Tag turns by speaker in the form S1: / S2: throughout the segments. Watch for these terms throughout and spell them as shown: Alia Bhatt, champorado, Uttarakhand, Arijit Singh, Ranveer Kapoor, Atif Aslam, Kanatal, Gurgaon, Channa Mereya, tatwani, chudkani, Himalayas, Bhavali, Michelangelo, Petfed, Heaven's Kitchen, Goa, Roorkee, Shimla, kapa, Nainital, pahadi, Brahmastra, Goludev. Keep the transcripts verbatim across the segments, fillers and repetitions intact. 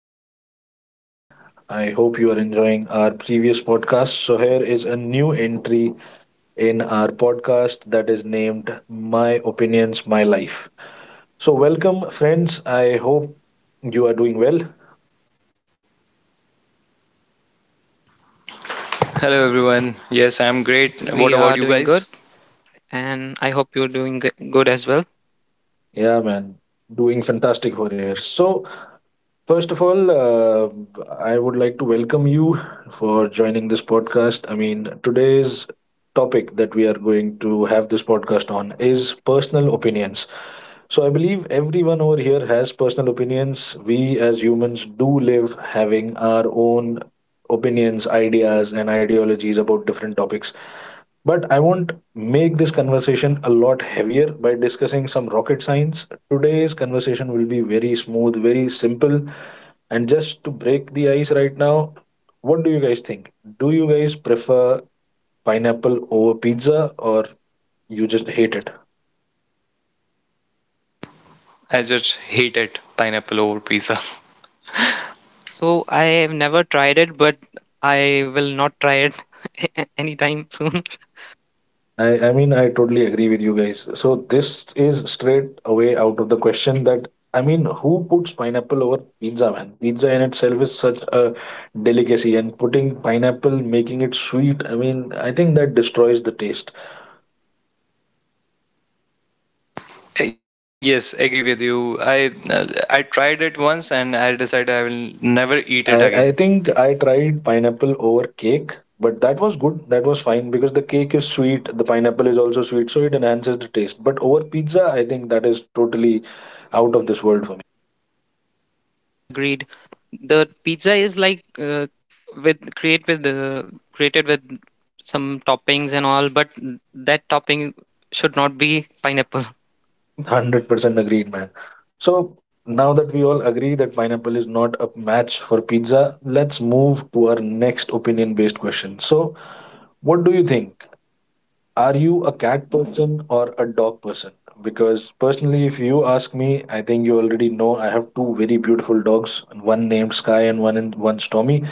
S1: welcome everyone. I hope you are enjoying our previous podcast. So, here is a new entry in our podcast that is named My Opinions, My Life. So, welcome, friends. I hope you are doing well.
S2: Hello everyone. Yes, I'm
S3: Uh, yes,
S2: great.
S3: yes,
S2: What
S3: we
S2: about you
S3: are
S2: guys?
S3: doing good, and I hope you're doing g- good as well.
S1: Yeah, man, doing fantastic over here. So, first of all, uh, I would like to welcome you for joining this podcast. I mean, today's topic that we are going to have this podcast on is personal opinions. So, I believe everyone over here has personal opinions. We as humans do live having our own opinions, ideas, and ideologies about different topics. But I won't make this conversation a lot heavier by discussing some rocket science. Today's conversation will be very smooth, very simple, and just to break the ice right now, what do you guys think? Do you guys prefer pineapple over pizza or you just hate it?
S2: I just hated pineapple over pizza.
S3: So I have never tried it, but I will not try it anytime soon.
S1: I, I mean, I totally agree with you guys. So, this is straight away out of the question. That, I mean, who puts pineapple over pizza, man? Pizza in itself is such a delicacy, and putting pineapple, making it sweet, I mean, I think that destroys the taste.
S2: Yes, agree with you. I uh, I tried it once and I decided I will never eat it again.
S1: I, I think I tried pineapple over cake, but that was good. That was fine because the cake is sweet, the pineapple is also sweet, so it enhances the taste. But over pizza, I think that is totally out of this world for me.
S3: Yes, yes, agreed. The pizza is like uh, with create with the created with some toppings and all, but n- that topping should not be pineapple.
S1: one hundred percent agreed, man. So now that we all agree that pineapple is not a match for pizza, let's move to our next opinion based question. So, what do you think? Are you a cat person or a dog person? Because personally, if you ask me, I think you already know I have two very beautiful dogs, one named Sky and one in, one Stormy,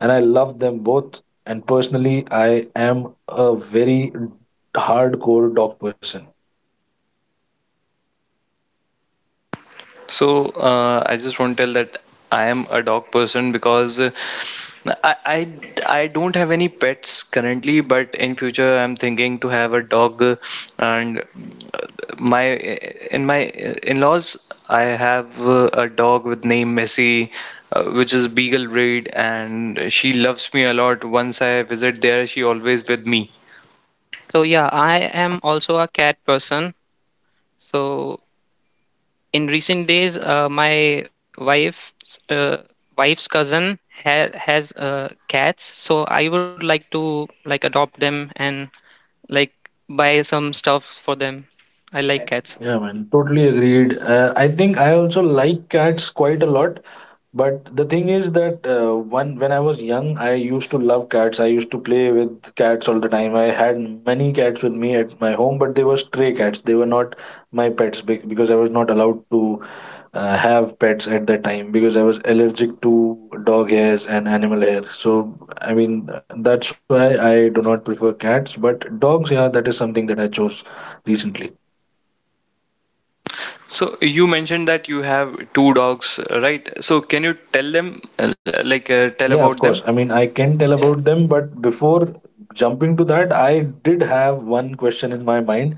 S1: and I love them both. And personally, I am a very hardcore dog person.
S2: So uh, I just want to tell that I am a dog person because uh, I, I I don't have any pets currently, but in future I'm thinking to have a dog. Uh, And uh, my in my in-laws, I have uh, a dog with name Messi, uh, which is beagle breed, and she loves me a lot. Once I visit there, she always with me.
S3: So yeah, I am also a cat person. So in recent days uh, my wife's uh, wife's cousin ha- has uh, cats, so I would like to, like, adopt them and like buy some stuff for them. I like cats.
S1: Yeah, man, totally agreed. Uh, I think I also like cats quite a lot, but the thing is that, uh, when when I was young, I used to love cats. I used to play with cats all the time. I had many cats with me at my home, but they were stray cats. They were not my pets be- because I was not allowed to uh, have pets at that time because I was allergic to dog hairs and animal hair. So I mean that's why I do not prefer cats. But dogs, yeah, that is something that I chose recently.
S2: So you mentioned that you have two dogs, right? So can you tell them, uh, like, uh, tell
S1: Yeah, of
S2: about
S1: course.
S2: them?
S1: I mean, I can tell about them, but before jumping to that, I did have one question in my mind.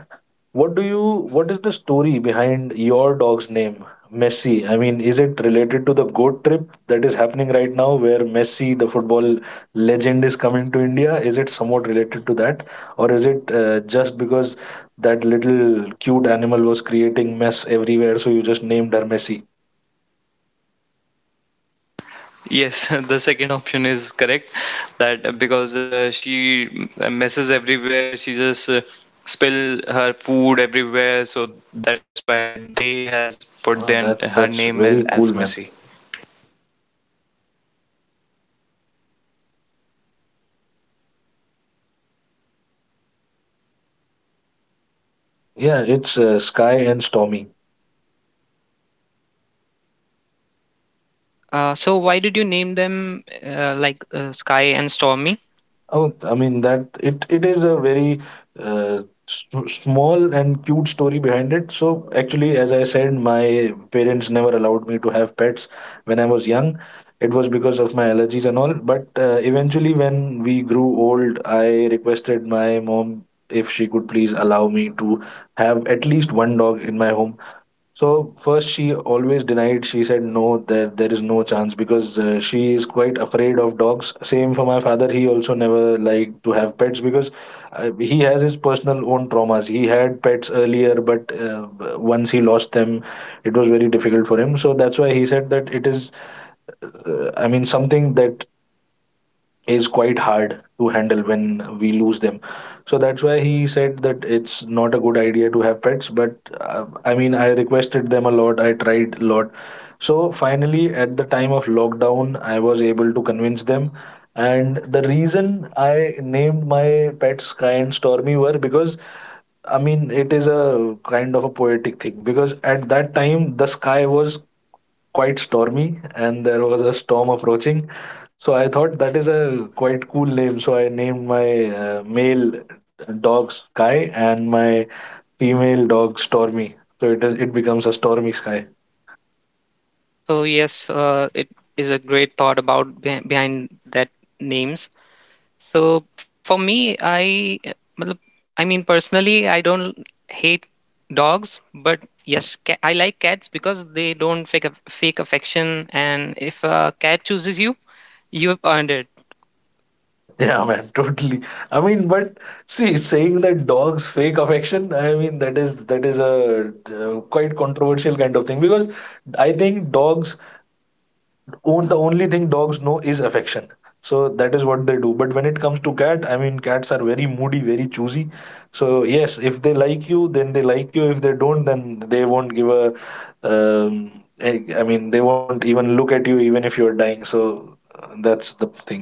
S1: What do you, what is the story behind your dog's name, Messi? I mean, is it related to the goat trip that is happening right now where Messi, the football legend, is coming to India? Is it somewhat related to that? Or is it uh, just because that little cute animal was creating mess everywhere, so you just named her Messi?
S2: Yes, the second option is correct. That uh, because uh, she uh, messes everywhere, she just uh, spill her food everywhere. So that's why they has put their
S1: Oh,
S2: her
S1: that's
S2: name
S1: that's
S2: as, as
S1: very cool,
S2: Missy.
S1: man. Yeah, it's uh, Sky and Stormy.
S3: Uh, so why did you name them uh, like uh, Sky and Stormy?
S1: Oh, I mean that it it is a very uh, s- small and cute story behind it. So actually, as I said, my parents never allowed me to have pets when I was young. It was because of my allergies and all. But uh, eventually, when we grew old, I requested my mom if she could please allow me to have at least one dog in my home. So first, she always denied. She said no, that there is no chance because uh, she is quite afraid of dogs. Same for my father. He also never liked to have pets because uh, he has his personal own traumas. He had pets earlier, but uh, once he lost them, it was very difficult for him. So that's why he said that it is, uh, I mean, something that is quite hard to handle when we lose them, so that's why he said that it's not a good idea to have pets. But uh, I mean, I requested them a lot, I tried a lot, so finally at the time of lockdown I was able to convince them, and the reason I named my pets Sky and Stormy were because, I mean, it is a kind of a poetic thing, because at that time the sky was quite stormy and there was a storm approaching. So I thought that is a quite cool name. So I named my uh, male dog Sky and my female dog Stormy. So it is it becomes a Stormy Sky.
S3: So yes, uh, it is a great thought about beh behind that names. So for me, I matlab- I mean personally, I don't hate dogs, but yes, ca- I like cats because they don't fake aff- fake affection, and if a cat chooses you, you've earned it.
S1: Yeah, man, totally. I mean, but see, saying that dogs fake affection, I mean, that is that is a uh, quite controversial kind of thing, because I think dogs, on- the only thing dogs know is affection, so that is what they do. But when it comes to cat, I mean, cats are very moody, very choosy, so yes, if they like you then they like you, if they don't then they won't give a um, I I mean, they won't even look at you even if you're dying, so uh, that's the thing.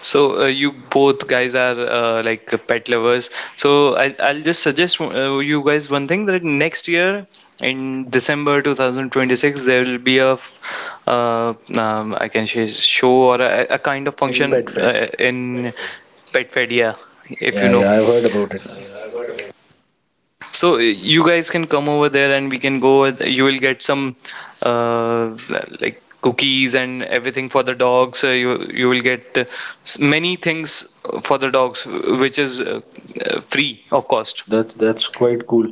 S2: So uh, you both guys are uh, like uh, pet lovers. So I, I'll just suggest uh, you guys one thing that next year in December two thousand twenty-six there will be a f- uh, um, I can say show or a, a kind of
S1: In pet
S2: function
S1: fed.
S2: uh, in Petfed. Yeah, if you
S1: Yeah,
S2: know.
S1: yeah, I've heard about it.
S2: So uh, you guys can come over there and we can go. with- You will get some uh, like cookies and everything for the dogs. Uh, you you will get uh, s- many things for the dogs, which is uh, uh, free of cost.
S1: That's that's quite cool.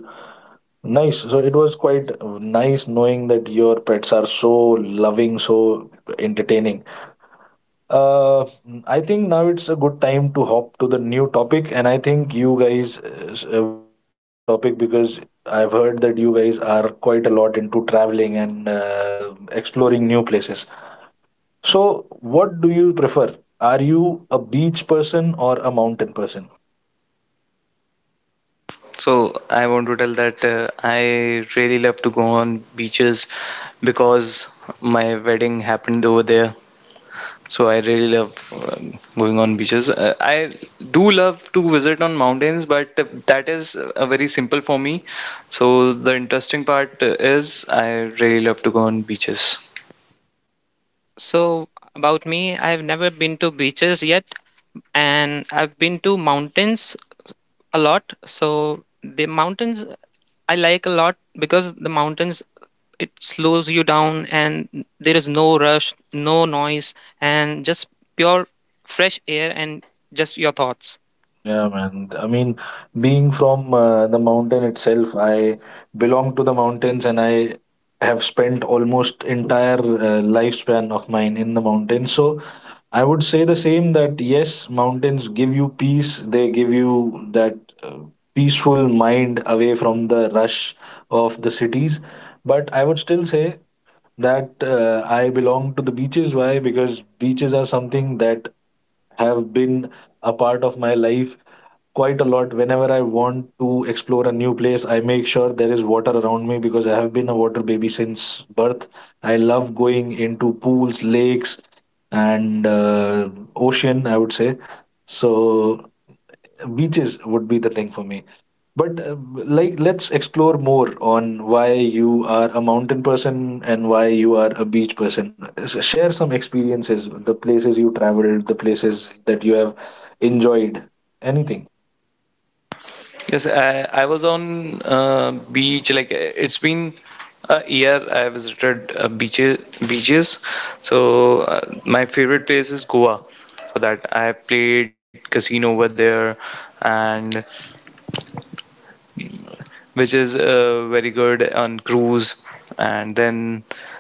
S1: Nice, so it was quite nice knowing that your pets are so loving, so entertaining. Uh, I think now it's a good time to hop to the new topic, and I think you guys uh, uh, would love this topic because I've heard that you guys are quite a lot into traveling and uh, exploring new places. So, what do you prefer? Are you a beach person or a mountain person?
S2: So I want to tell that uh, I really love to go on beaches because my wedding happened over there. So I really love um, going on beaches. Uh, I do love to visit on mountains, but that is uh, very simple for me. So the interesting part uh, is I really love to go on beaches.
S3: So about me, I've never been to beaches yet, and I've been to mountains a lot. So the mountains I like a lot because the mountains, it slows you down, and there is no rush, no noise, and just pure fresh air and just your thoughts.
S1: Yeah, man. I mean, being from uh, the mountain itself, I belong to the mountains and I have spent almost entire uh, lifespan of mine in the mountains. So I would say the same, that yes, mountains give you peace. They give you that uh, peaceful mind away from the rush of the cities. But I would still say that, uh, I belong to the beaches. Why? Because beaches are something that have been a part of my life quite a lot. Whenever I want to explore a new place, I make sure there is water around me, because I have been a water baby since birth. I love going into pools, lakes, and uh, ocean, I would say. So beaches would be the thing for me. But uh, like, let's explore more on why you are a mountain person and why you are a beach person. S- share some experiences, the places you traveled, the places that you have enjoyed, anything.
S2: Yes, I, I was on uh, beach like uh, it's been a year I visited uh, beaches beaches. So uh, my favorite place is Goa. For that I have played casino over there, and which is uh, very good on cruise. And then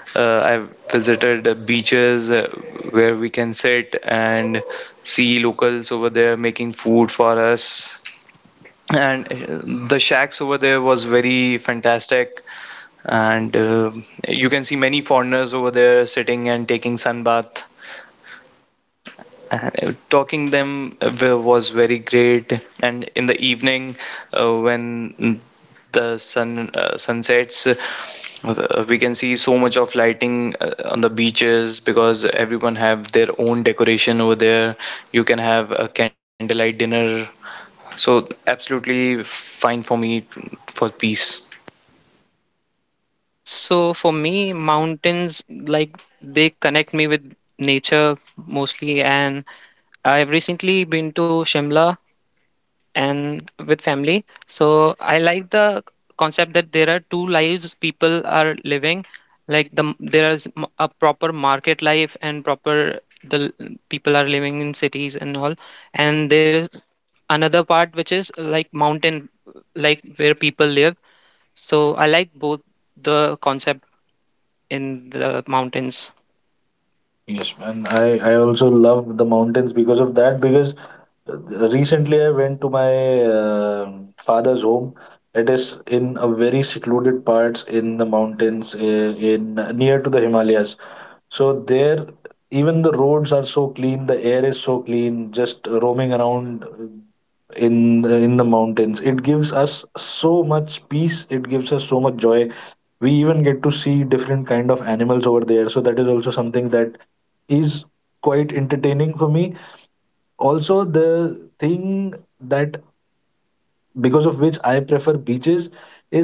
S2: uh, I've visited uh, beaches uh, where we can sit and see locals over there making food for us. And uh, the shacks over there was very fantastic. And uh, you can see many foreigners over there sitting and taking sun bath and uh, talking them uh, was very great, and in the evening uh, when the sun uh, sunsets uh, we can see so much of lighting uh, on the beaches because everyone have their own decoration over there. You can have a candlelight dinner, so absolutely fine for me for peace.
S3: So for me, mountains, like, they connect me with nature mostly, and I've recently been to Shimla and with family. So I like the concept that there are two lives people are living. Like the there is m- a proper market life and proper the l- people are living in cities and all, and there is another part which is like mountain, like where people live. So I like both the concept in the mountains.
S1: Yes, man. I, I also love the mountains because of that. Because uh, recently I went to my uh, father's home. It is in a very secluded parts in the mountains, uh, in near to the Himalayas. So there, even the roads are so clean, the air is so clean. Just roaming around uh, in the, in the mountains, it gives us so much peace. It gives us so much joy. We even get to see different kind of animals over there, so that is also something that is quite entertaining for me. Also, the thing that, because of which I prefer beaches,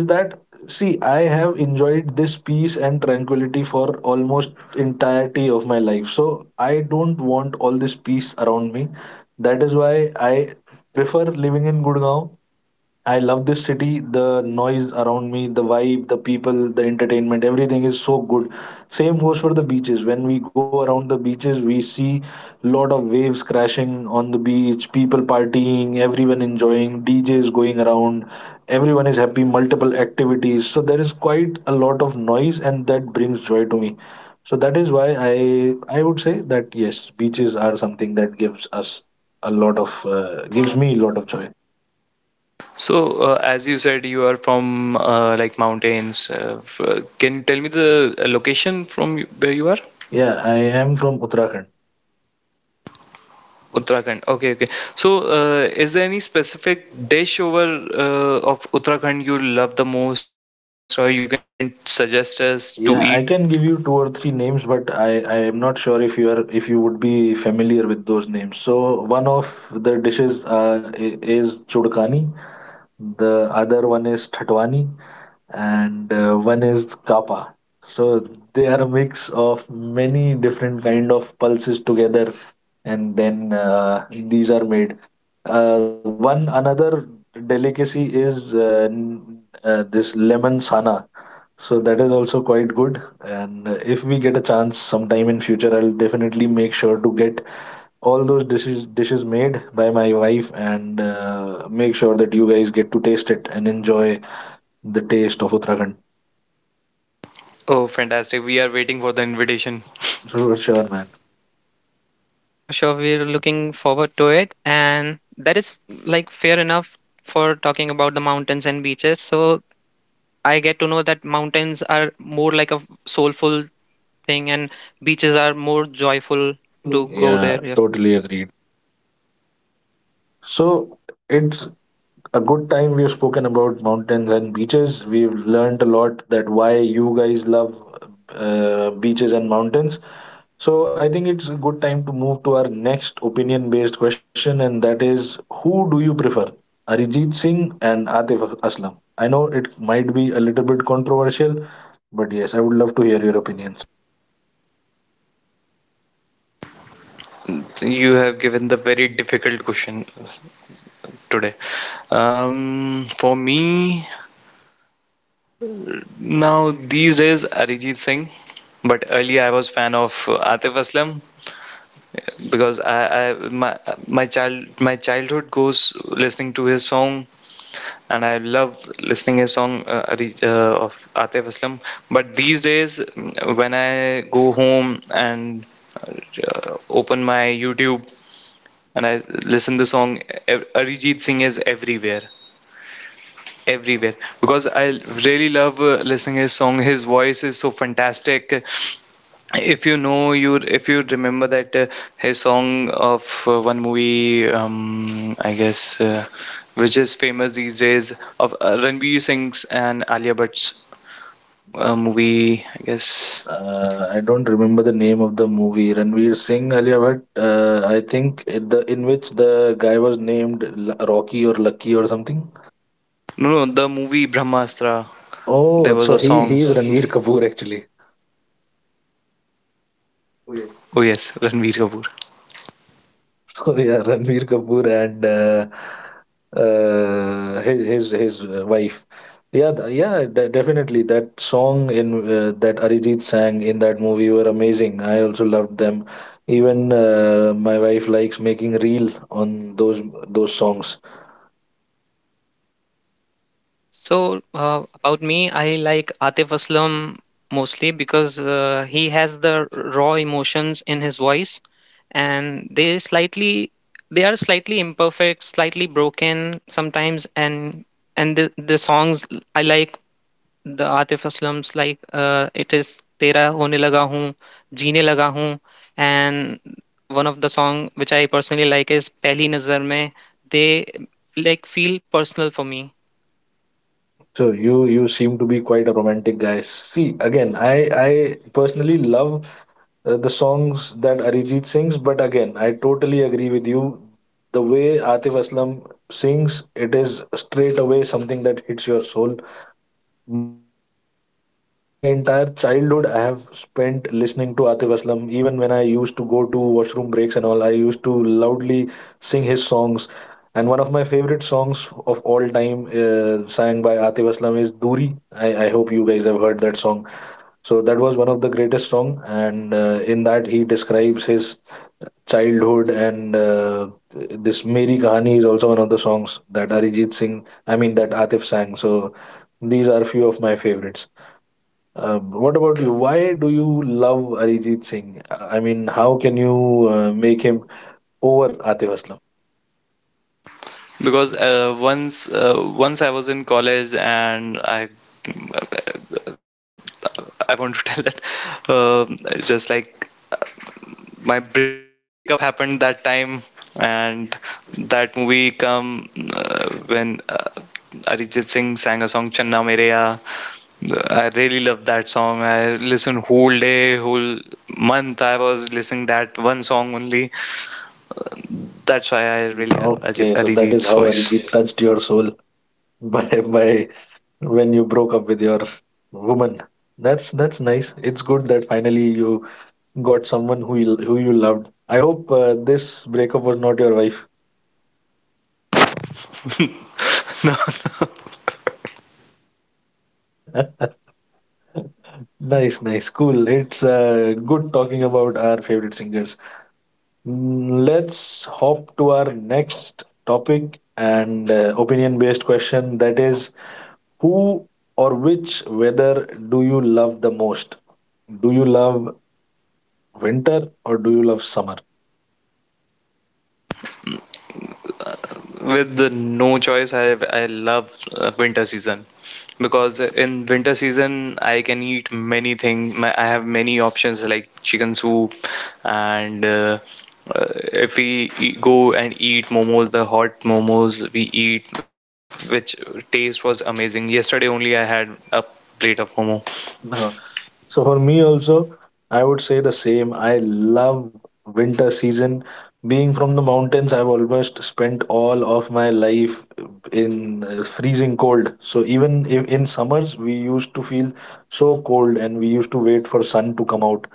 S1: is that, see, I have enjoyed this peace and tranquility for almost entirety of my life, so I don't want all this peace around me. That is why I prefer living in Gurgaon. I love this city. The noise around me, the vibe, the people, the entertainment, everything is so good. Same goes for the beaches. When we go around the beaches, we see lot of waves crashing on the beach, people partying, everyone enjoying, D Js going around, everyone is happy, multiple activities. So there is quite a lot of noise, and that brings joy to me. So that is why I I would say that yes, beaches are something that gives us a lot of uh, gives me a lot of joy.
S2: So, uh, as you said, you are from uh, like mountains. Uh, f- uh, can you tell me the uh, location from y- where you are?
S1: Yeah, I am from Uttarakhand.
S2: Uttarakhand. Okay, okay. So, uh, is there any specific dish over uh, of Uttarakhand you love the most, or you can suggest us to eat?
S1: Yeah, I can give you two or three names, but I, I am not sure if you are, if you would be familiar with those names. So one of the dishes uh, i- is chudkani, the other one is tatwani, and uh, one is kapa. So they are a mix of many different kind of pulses together, and then uh, these are made. Uh, one another delicacy is uh, n- uh, this lemon sana, so that is also quite good. And uh, if we get a chance sometime in future, I'll definitely make sure to get all those dishes dishes made by my wife and uh, make sure that you guys get to taste it and enjoy the taste of Uttarakhand.
S2: Oh, fantastic! We are waiting for the invitation.
S1: Sure, sure, man.
S3: Sure, sure. We're looking forward to it. And that is like fair enough for talking about the mountains and beaches. So I get to know that mountains are more like a soulful thing and beaches are more joyful to
S1: Totally,
S3: go
S1: yeah,
S3: there.
S1: agreed.
S3: Yes.
S1: Totally agreed. So it's a good time. We've spoken about mountains and beaches. We've learned a lot that why you guys love uh, beaches and mountains. So I think it's a good time to move to our next opinion based question, and that is who do you prefer, Arijit Singh and Atif Aslam? I know it might be a little bit controversial, but yes, I would love to hear your opinions.
S2: You have given the very difficult question today. Um, for me, now these days, Arijit Singh. But earlier, I was fan of Atif Aslam because I, I my my child my childhood goes listening to his song, and I love listening a song uh, Ari- uh, of Atif Aslam. But these days, mm, when I go home and uh, open my YouTube and I listen the song, Ar- Arijit Singh is everywhere everywhere because I really love uh, listening his song. His voice is so fantastic. If you know you, if you remember that uh, his song of uh, one movie, um, I guess, uh, which is famous these days of uh, Ranveer Singh's and Alia Bhatt's uh, movie, I guess.
S1: Uh, I don't remember the name of the movie Ranveer Singh earlier, but uh, I think it- the in which the guy was named L- Rocky or Lucky or something.
S2: No, no, the movie Brahmastra. There
S1: Oh,
S2: was
S1: so
S2: a
S1: he
S2: song.
S1: he is Ranveer Kapoor actually.
S2: Oh yes, Ranveer Kapoor.
S1: So yeah, Ranveer Kapoor and uh, uh, his his his wife. Yeah, th- yeah, de- definitely. That song in uh, that Arijit sang in that movie were amazing. I also loved them. Even uh, my wife likes making reel on those those songs.
S3: So, uh, about me, I like Atif Aslam mostly because uh, he has the raw emotions in his voice, and they slightly they are slightly imperfect, slightly broken sometimes, and and the, the songs I like the Atif Aslam's like it is तेरा होने लगा हूँ जीने लगा हूँ and one of the song which I personally like is पहली नजर में they like feel personal for me.
S1: So you you seem to be quite a romantic guy. See, again, I I personally love uh, the songs that Arijit sings. But again, I totally agree with you. The way Atif Aslam sings, it is straight away something that hits your soul. My entire childhood I have spent listening to Atif Aslam. Even when I used to go to washroom breaks and all, I used to loudly sing his songs, and one of my favorite songs of all time uh, sang by Atif Aslam is Duri. I, I hope you guys have heard that song. So that was one of the greatest song, and uh, in that he describes his childhood, and uh, this Meri Kahani is also one of the songs that arijit singh I mean that atif sang. So these are few of my favorites. uh, what about you? Why do you love Arijit Singh? I mean, how can you uh, make him over Atif Aslam?
S2: Because uh, once uh, once I was in college, and I I want to tell that uh, just like uh, my breakup happened that time, and that movie come uh, when uh, Arijit Singh sang a song Channa Mereya. I really love that song. I listened whole day, whole month. I was listening that one song only. That's why I really love Ajit-
S1: Okay, so
S2: Arijit's
S1: that is how
S2: voice.
S1: Arijit touched your soul, by by when you broke up with your woman. That's that's nice. It's good that finally you got someone who you, who you loved. I hope uh, this breakup was not your wife. Nice, nice, cool. It's uh, good talking about our favorite singers. Mm, let's hop to our next topic and uh, opinion based question, that is, who or which weather do you love the most? Do you love winter or do you love summer?
S2: With the no choice, i i love uh, winter season because in winter season I can eat many things. I have many options like chicken soup and uh, uh, if we e- go and eat momos, the hot momos we eat, which taste was amazing. Yesterday only I had a plate of momo.
S1: No. So for me also, I would say the same. I love winter season. Being from the mountains, I've almost spent all of my life in uh, freezing cold. So even if in summers, we used to feel so cold and we used to wait for sun to come out.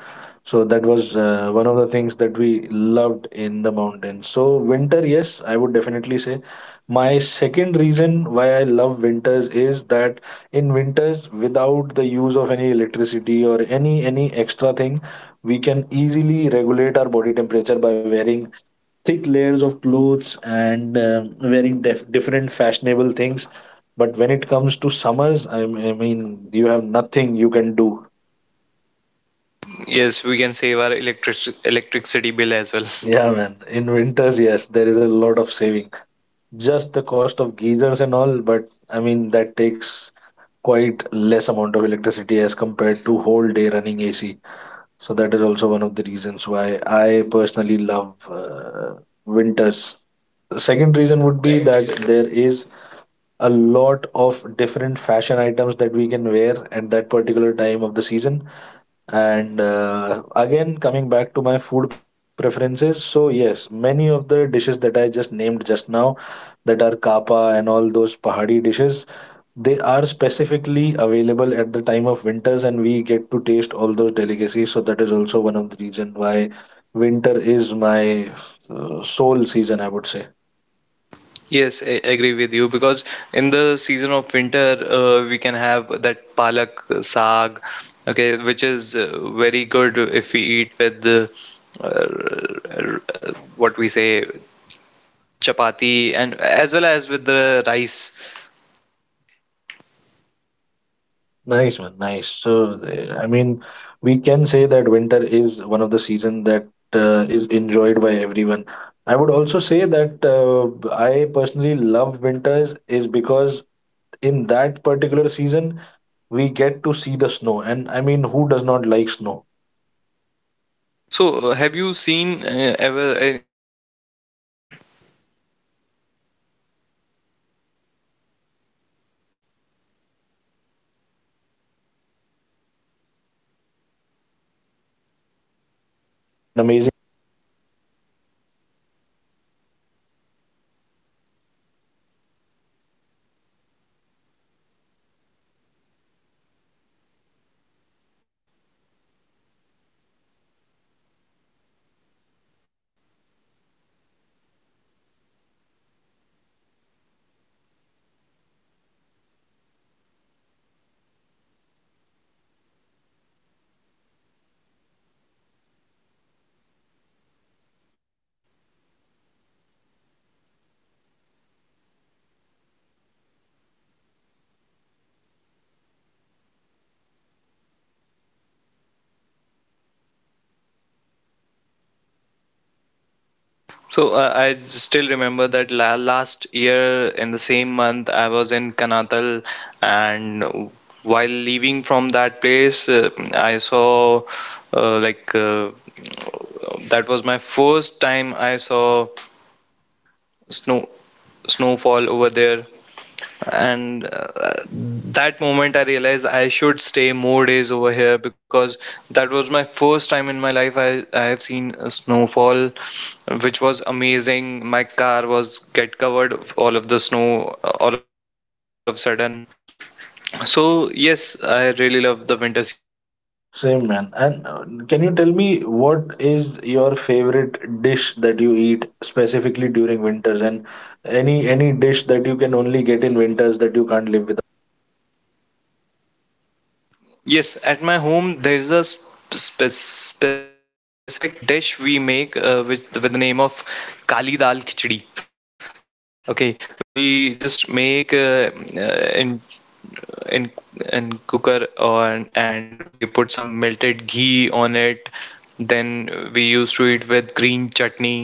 S1: So that was uh, one of the things that we loved in the mountains. So winter, yes, I would definitely say my second reason why I love winters is that in winters, without the use of any electricity or any any extra thing, we can easily regulate our body temperature by wearing thick layers of clothes and um wearing def- different fashionable things. But when it comes to summers, I, I mean, you have nothing you can do.
S2: Yes, we can save our electric electricity bill as well.
S1: Yeah, man. In winters, yes, there is a lot of saving. Just the cost of geysers and all, but I mean, that takes quite less amount of electricity as compared to whole day running A C. So that is also one of the reasons why I personally love uh, winters. The second reason would be that there is a lot of different fashion items that we can wear at that particular time of the season, and uh, again, coming back to my food preferences, so yes, many of the dishes that I just named just now, that are kapa and all those pahadi dishes, they are specifically available at the time of winters, and we get to taste all those delicacies. So that is also one of the reason why winter is my uh, sole season, I would say.
S2: Yes, I agree with you because in the season of winter, uh, we can have that palak uh, saag, okay, which is uh, very good if we eat with the uh, uh, what we say chapati, and as well as with the rice.
S1: Nice one, nice. So, uh, I mean, we can say that winter is one of the season that uh, is enjoyed by everyone. I would also say that uh, I personally love winters is because in that particular season we get to see the snow, and I mean, who does not like snow?
S2: So, uh, have you seen uh, ever a- any snowfall?
S1: Yes, all my childhood I have, I mean, made so many snowmen, so so many things. Uh, it it was it was a, an amazing experience being in the mountains, being there, enjoying the snowfall, and being a part of the north of India, getting close to the Himalayan range. We used to see snowfall almost almost every uh, winter. Even when the winters were approaching, we were able to see snow pouring down. Just at the time of night, we were sitting there. We were just seeing that everything is green and all. But suddenly, it's it started uh, snowing, and in the morning, the entire scenery changed. It it felt that we are living in a very different location now, just because of the snow, the blanket of snow that spreads everywhere, and it it makes mountain look even more beautiful.
S2: So uh, I still remember that la- last year in the same month I was in Kanatal, and while leaving from that place, uh, I saw uh, like uh, that was my first time I saw snow snowfall over there. And uh, that moment I realized I should stay more days over here because that was my first time in my life i i have seen a snowfall, which was amazing. My car was get covered of all of the snow uh, all of a sudden. So yes, I really love the winter season.
S1: Same man. And uh, can you tell me what is your favorite dish that you eat specifically during winters, and any any dish that you can only get in winters that you can't live.
S2: Yes, at my home there is a sp- specific dish we make uh, with with the name of kali dal khichdi. Okay, we just make uh, uh, in in in cooker on, and we put some melted ghee on it. Then we used to eat with green chutney.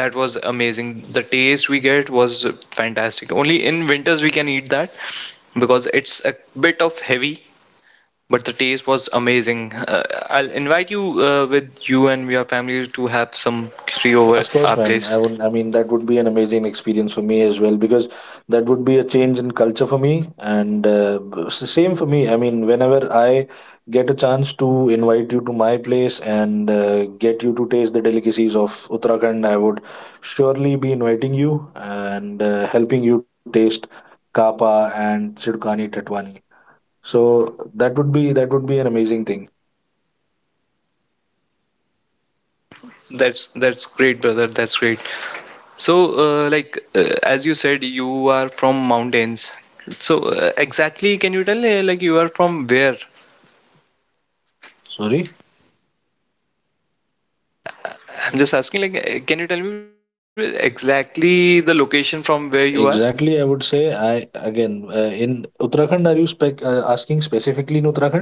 S2: That was amazing. The taste we get was fantastic. Only in winters we can eat that because it's a bit of heavy, but the taste was amazing. Uh, I'll invite you uh, with you and your family to have some khichdi
S1: Yeah, of
S2: over
S1: course,
S2: our
S1: man. I
S2: place.
S1: would, I mean, that would be an amazing experience for me as well, because that would be a change in culture for me. And uh, s- same for me. I mean, whenever I get a chance to invite you to my place and uh, get you to taste the delicacies of Uttarakhand, I would surely be inviting you and uh, helping you taste kapa and Chirkani Tatwani. So that would be that would be an amazing thing.
S2: That's that's great, brother. That's great. So, uh, like uh, as you said, you are from mountains. So, uh, exactly, can you tell uh, like you are from where?
S1: Sorry.
S2: Uh, I'm just asking, like, uh, can you tell me exactly the location from where you are?
S1: Exactly, I would say I again uh, in Uttarakhand. Are you spec uh, asking specifically in Uttarakhand?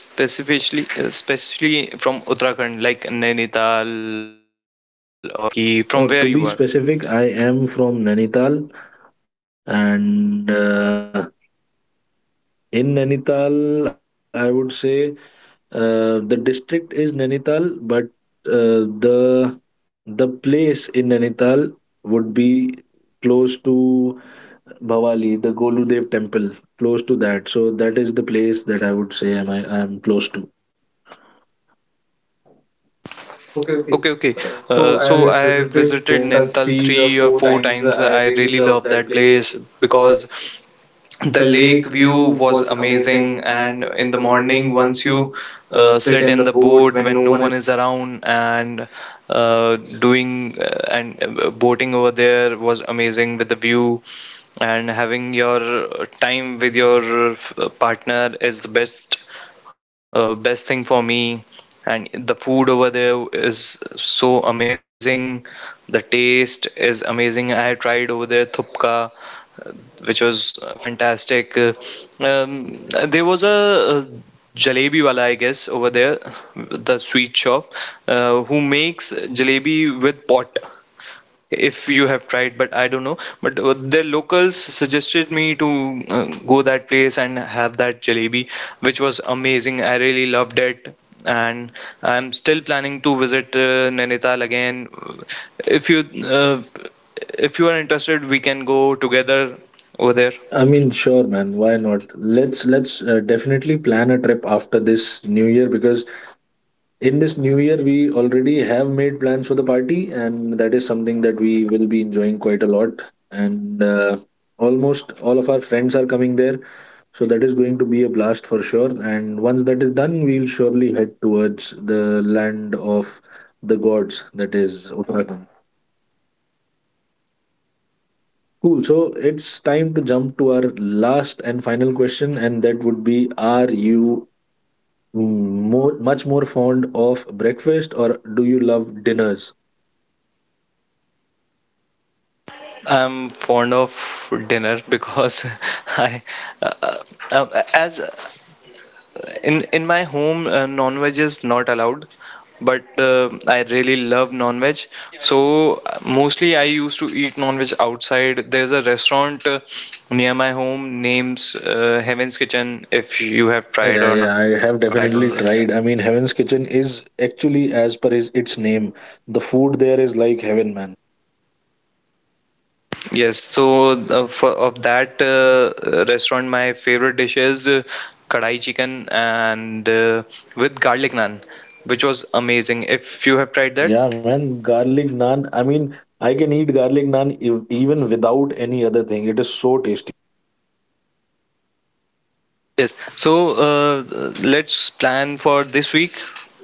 S2: Yes, specifically, uh, especially from Uttarakhand, like Nainital or Roorkee, from
S1: Or
S2: where
S1: to
S2: you
S1: be
S2: are.
S1: specific, I am from Nainital, and uh, in Nainital, I would say uh, the district is Nainital, but uh, the the place in Nainital would be close to Bhavali, the Goludev temple, close to that. So that is the place that I would say am I I am close.
S2: Okay, okay. Uh, so I visited Nainital three or four times. I really love that place because the lake view was amazing, and in the morning once you uh, sit in the boat when no one is around and uh, doing uh, and uh, boating over there was amazing with the view, and having your time with your uh, partner is the best uh, best thing for me. And the food over there is so amazing, the taste is amazing. I tried over there thupka, which was uh, fantastic. Uh, um, there was a, uh jalebi wala, I guess, over there, the sweet shop, uh, who makes jalebi with pot, if you have tried but I don't know. But uh, the locals suggested me to uh, go that place and have that jalebi, which was amazing. I really loved it, and I'm still planning to visit uh, Nainital again. If you uh, if you are interested, we can go together over there.
S1: I mean, sure, man. Why not? Let's let's uh, definitely plan a trip after this New Year, because in this New Year we already have made plans for the party, and that is something that we will be enjoying quite a lot. And uh, almost all of our friends are coming there, so that is going to be a blast for sure. And once that is done, we'll surely head towards the land of the gods, that is Uttarakhand. Cool. So it's time to jump to our last and final question, and that would be: are you more, much more fond of breakfast, or do you love dinners?
S2: I'm fond of dinner because I uh, uh, as In in my home, uh, non-veg is not allowed, but uh, I really love non-veg. So uh, mostly I used to eat non-veg outside. There's a restaurant uh, near my home names uh, Heaven's Kitchen. If you have
S1: Yeah,
S2: tried
S1: yeah,
S2: or
S1: yeah.
S2: not, I
S1: I
S2: don't
S1: have
S2: know.
S1: definitely tried. I mean, Heaven's Kitchen is actually, as per is its name, the food there is like heaven, man.
S2: Yes, so uh, for, of that uh, restaurant, my favorite dish is uh, kadai chicken and uh, with garlic naan, which was amazing. If you have tried that.
S1: Yeah, man. Garlic naan. I mean, I can eat garlic naan ev- even without any other thing. It is so tasty.
S2: Yes. So uh, let's plan for this week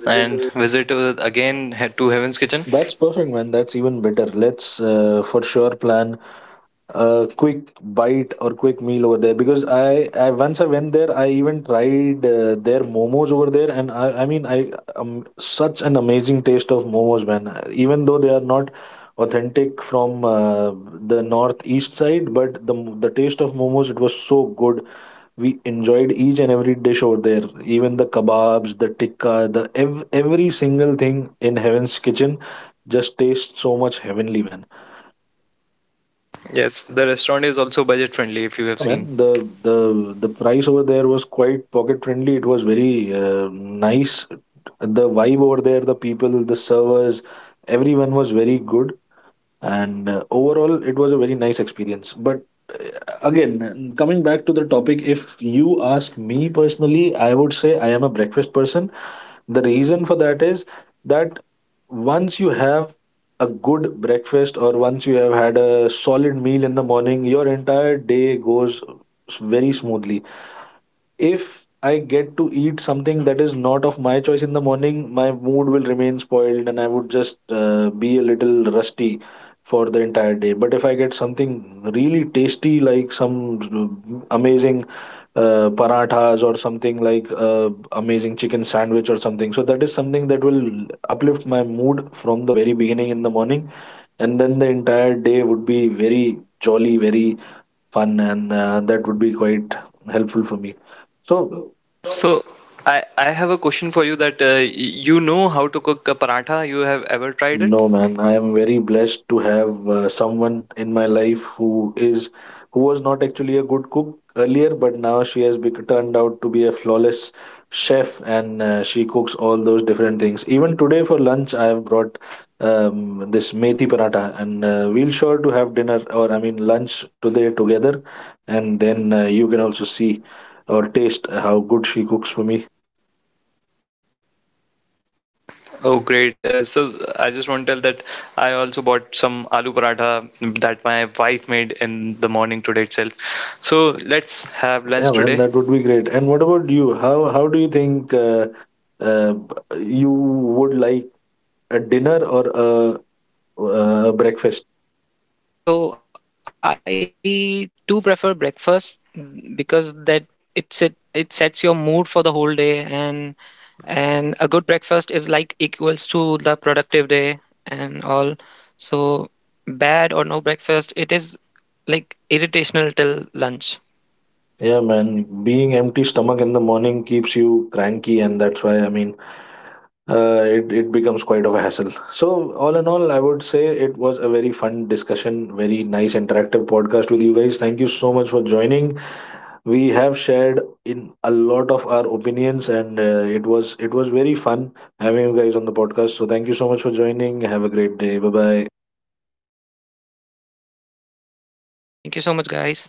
S2: and visit uh, again he- to Heaven's Kitchen.
S1: That's perfect, man. That's even better. Let's uh, for sure plan a quick bite or quick meal over there, because I, I once I went there, I even tried uh, their momos over there, and I I mean I um, such an amazing taste of momos, man. Uh, even though they are not authentic from uh, the northeast side, but the the taste of momos, it was so good. We enjoyed each and every dish over there, even the kebabs, the tikka, the ev- every single thing in Heaven's Kitchen just tastes so much heavenly, man.
S2: Yes, the restaurant is also budget friendly if you have seen.
S1: Yeah, man. The the the price over there was quite pocket friendly. It was very uh, nice. The vibe over there, the people, the servers, everyone was very good, and uh, overall, it was a very nice experience. But uh, again, coming back to the topic, if you ask me personally, I would say I am a breakfast person. The reason for that is that once you have a good breakfast, or once you have had a solid meal in the morning, your entire day goes s- very smoothly. If I get to eat something that is not of my choice in the morning, my mood will remain spoiled, and I would just uh, be a little rusty for the entire day. But if I get something really tasty like some uh, amazing uh, parathas, or something like uh, amazing chicken sandwich or something, so that is something that will uplift my mood from the very beginning in the morning, and then the entire day would be very jolly, very fun, and uh, that would be quite helpful for me. So
S2: So I I have a question for you that uh, y- you know how to cook a paratha. You have ever tried it?
S1: no, man. I am very blessed to have uh, someone in my life who is who was not actually a good cook earlier, but now she has bec- turned out to be a flawless chef, and uh, she cooks all those different things. Even today for lunch, I have brought um, this methi paratha, and uh, we'll sure to have dinner, or I mean lunch today together, and then uh, you can also see or taste how good she cooks for me.
S2: Oh, great. Uh, so I just want to tell that I also bought some aloo paratha that my wife made in the morning today itself. So let's have lunch today.
S1: Yeah, man, that would be great. And what about you? How how do you think uh, uh, you would like a dinner, or a, uh, a breakfast?
S3: So I do prefer breakfast, mm, because that it's it it sets your mood for the whole day, and and a good breakfast is like equals to the productive day and all. So bad or no breakfast, it is like irritational till lunch.
S1: Yeah, man, being empty stomach in the morning keeps you cranky, and that's why I mean, uh, it, it becomes quite of a hassle. So, all in all, I would say it was a very fun discussion, very nice interactive podcast with you guys. Thank you so much for joining. We have shared in a lot of our opinions, and uh, it was it was very fun having you guys on the podcast. So, thank you so much for joining. Have a great day. Bye bye.
S2: Thank you, everyone. Bye bye.
S3: Thank you so much, guys.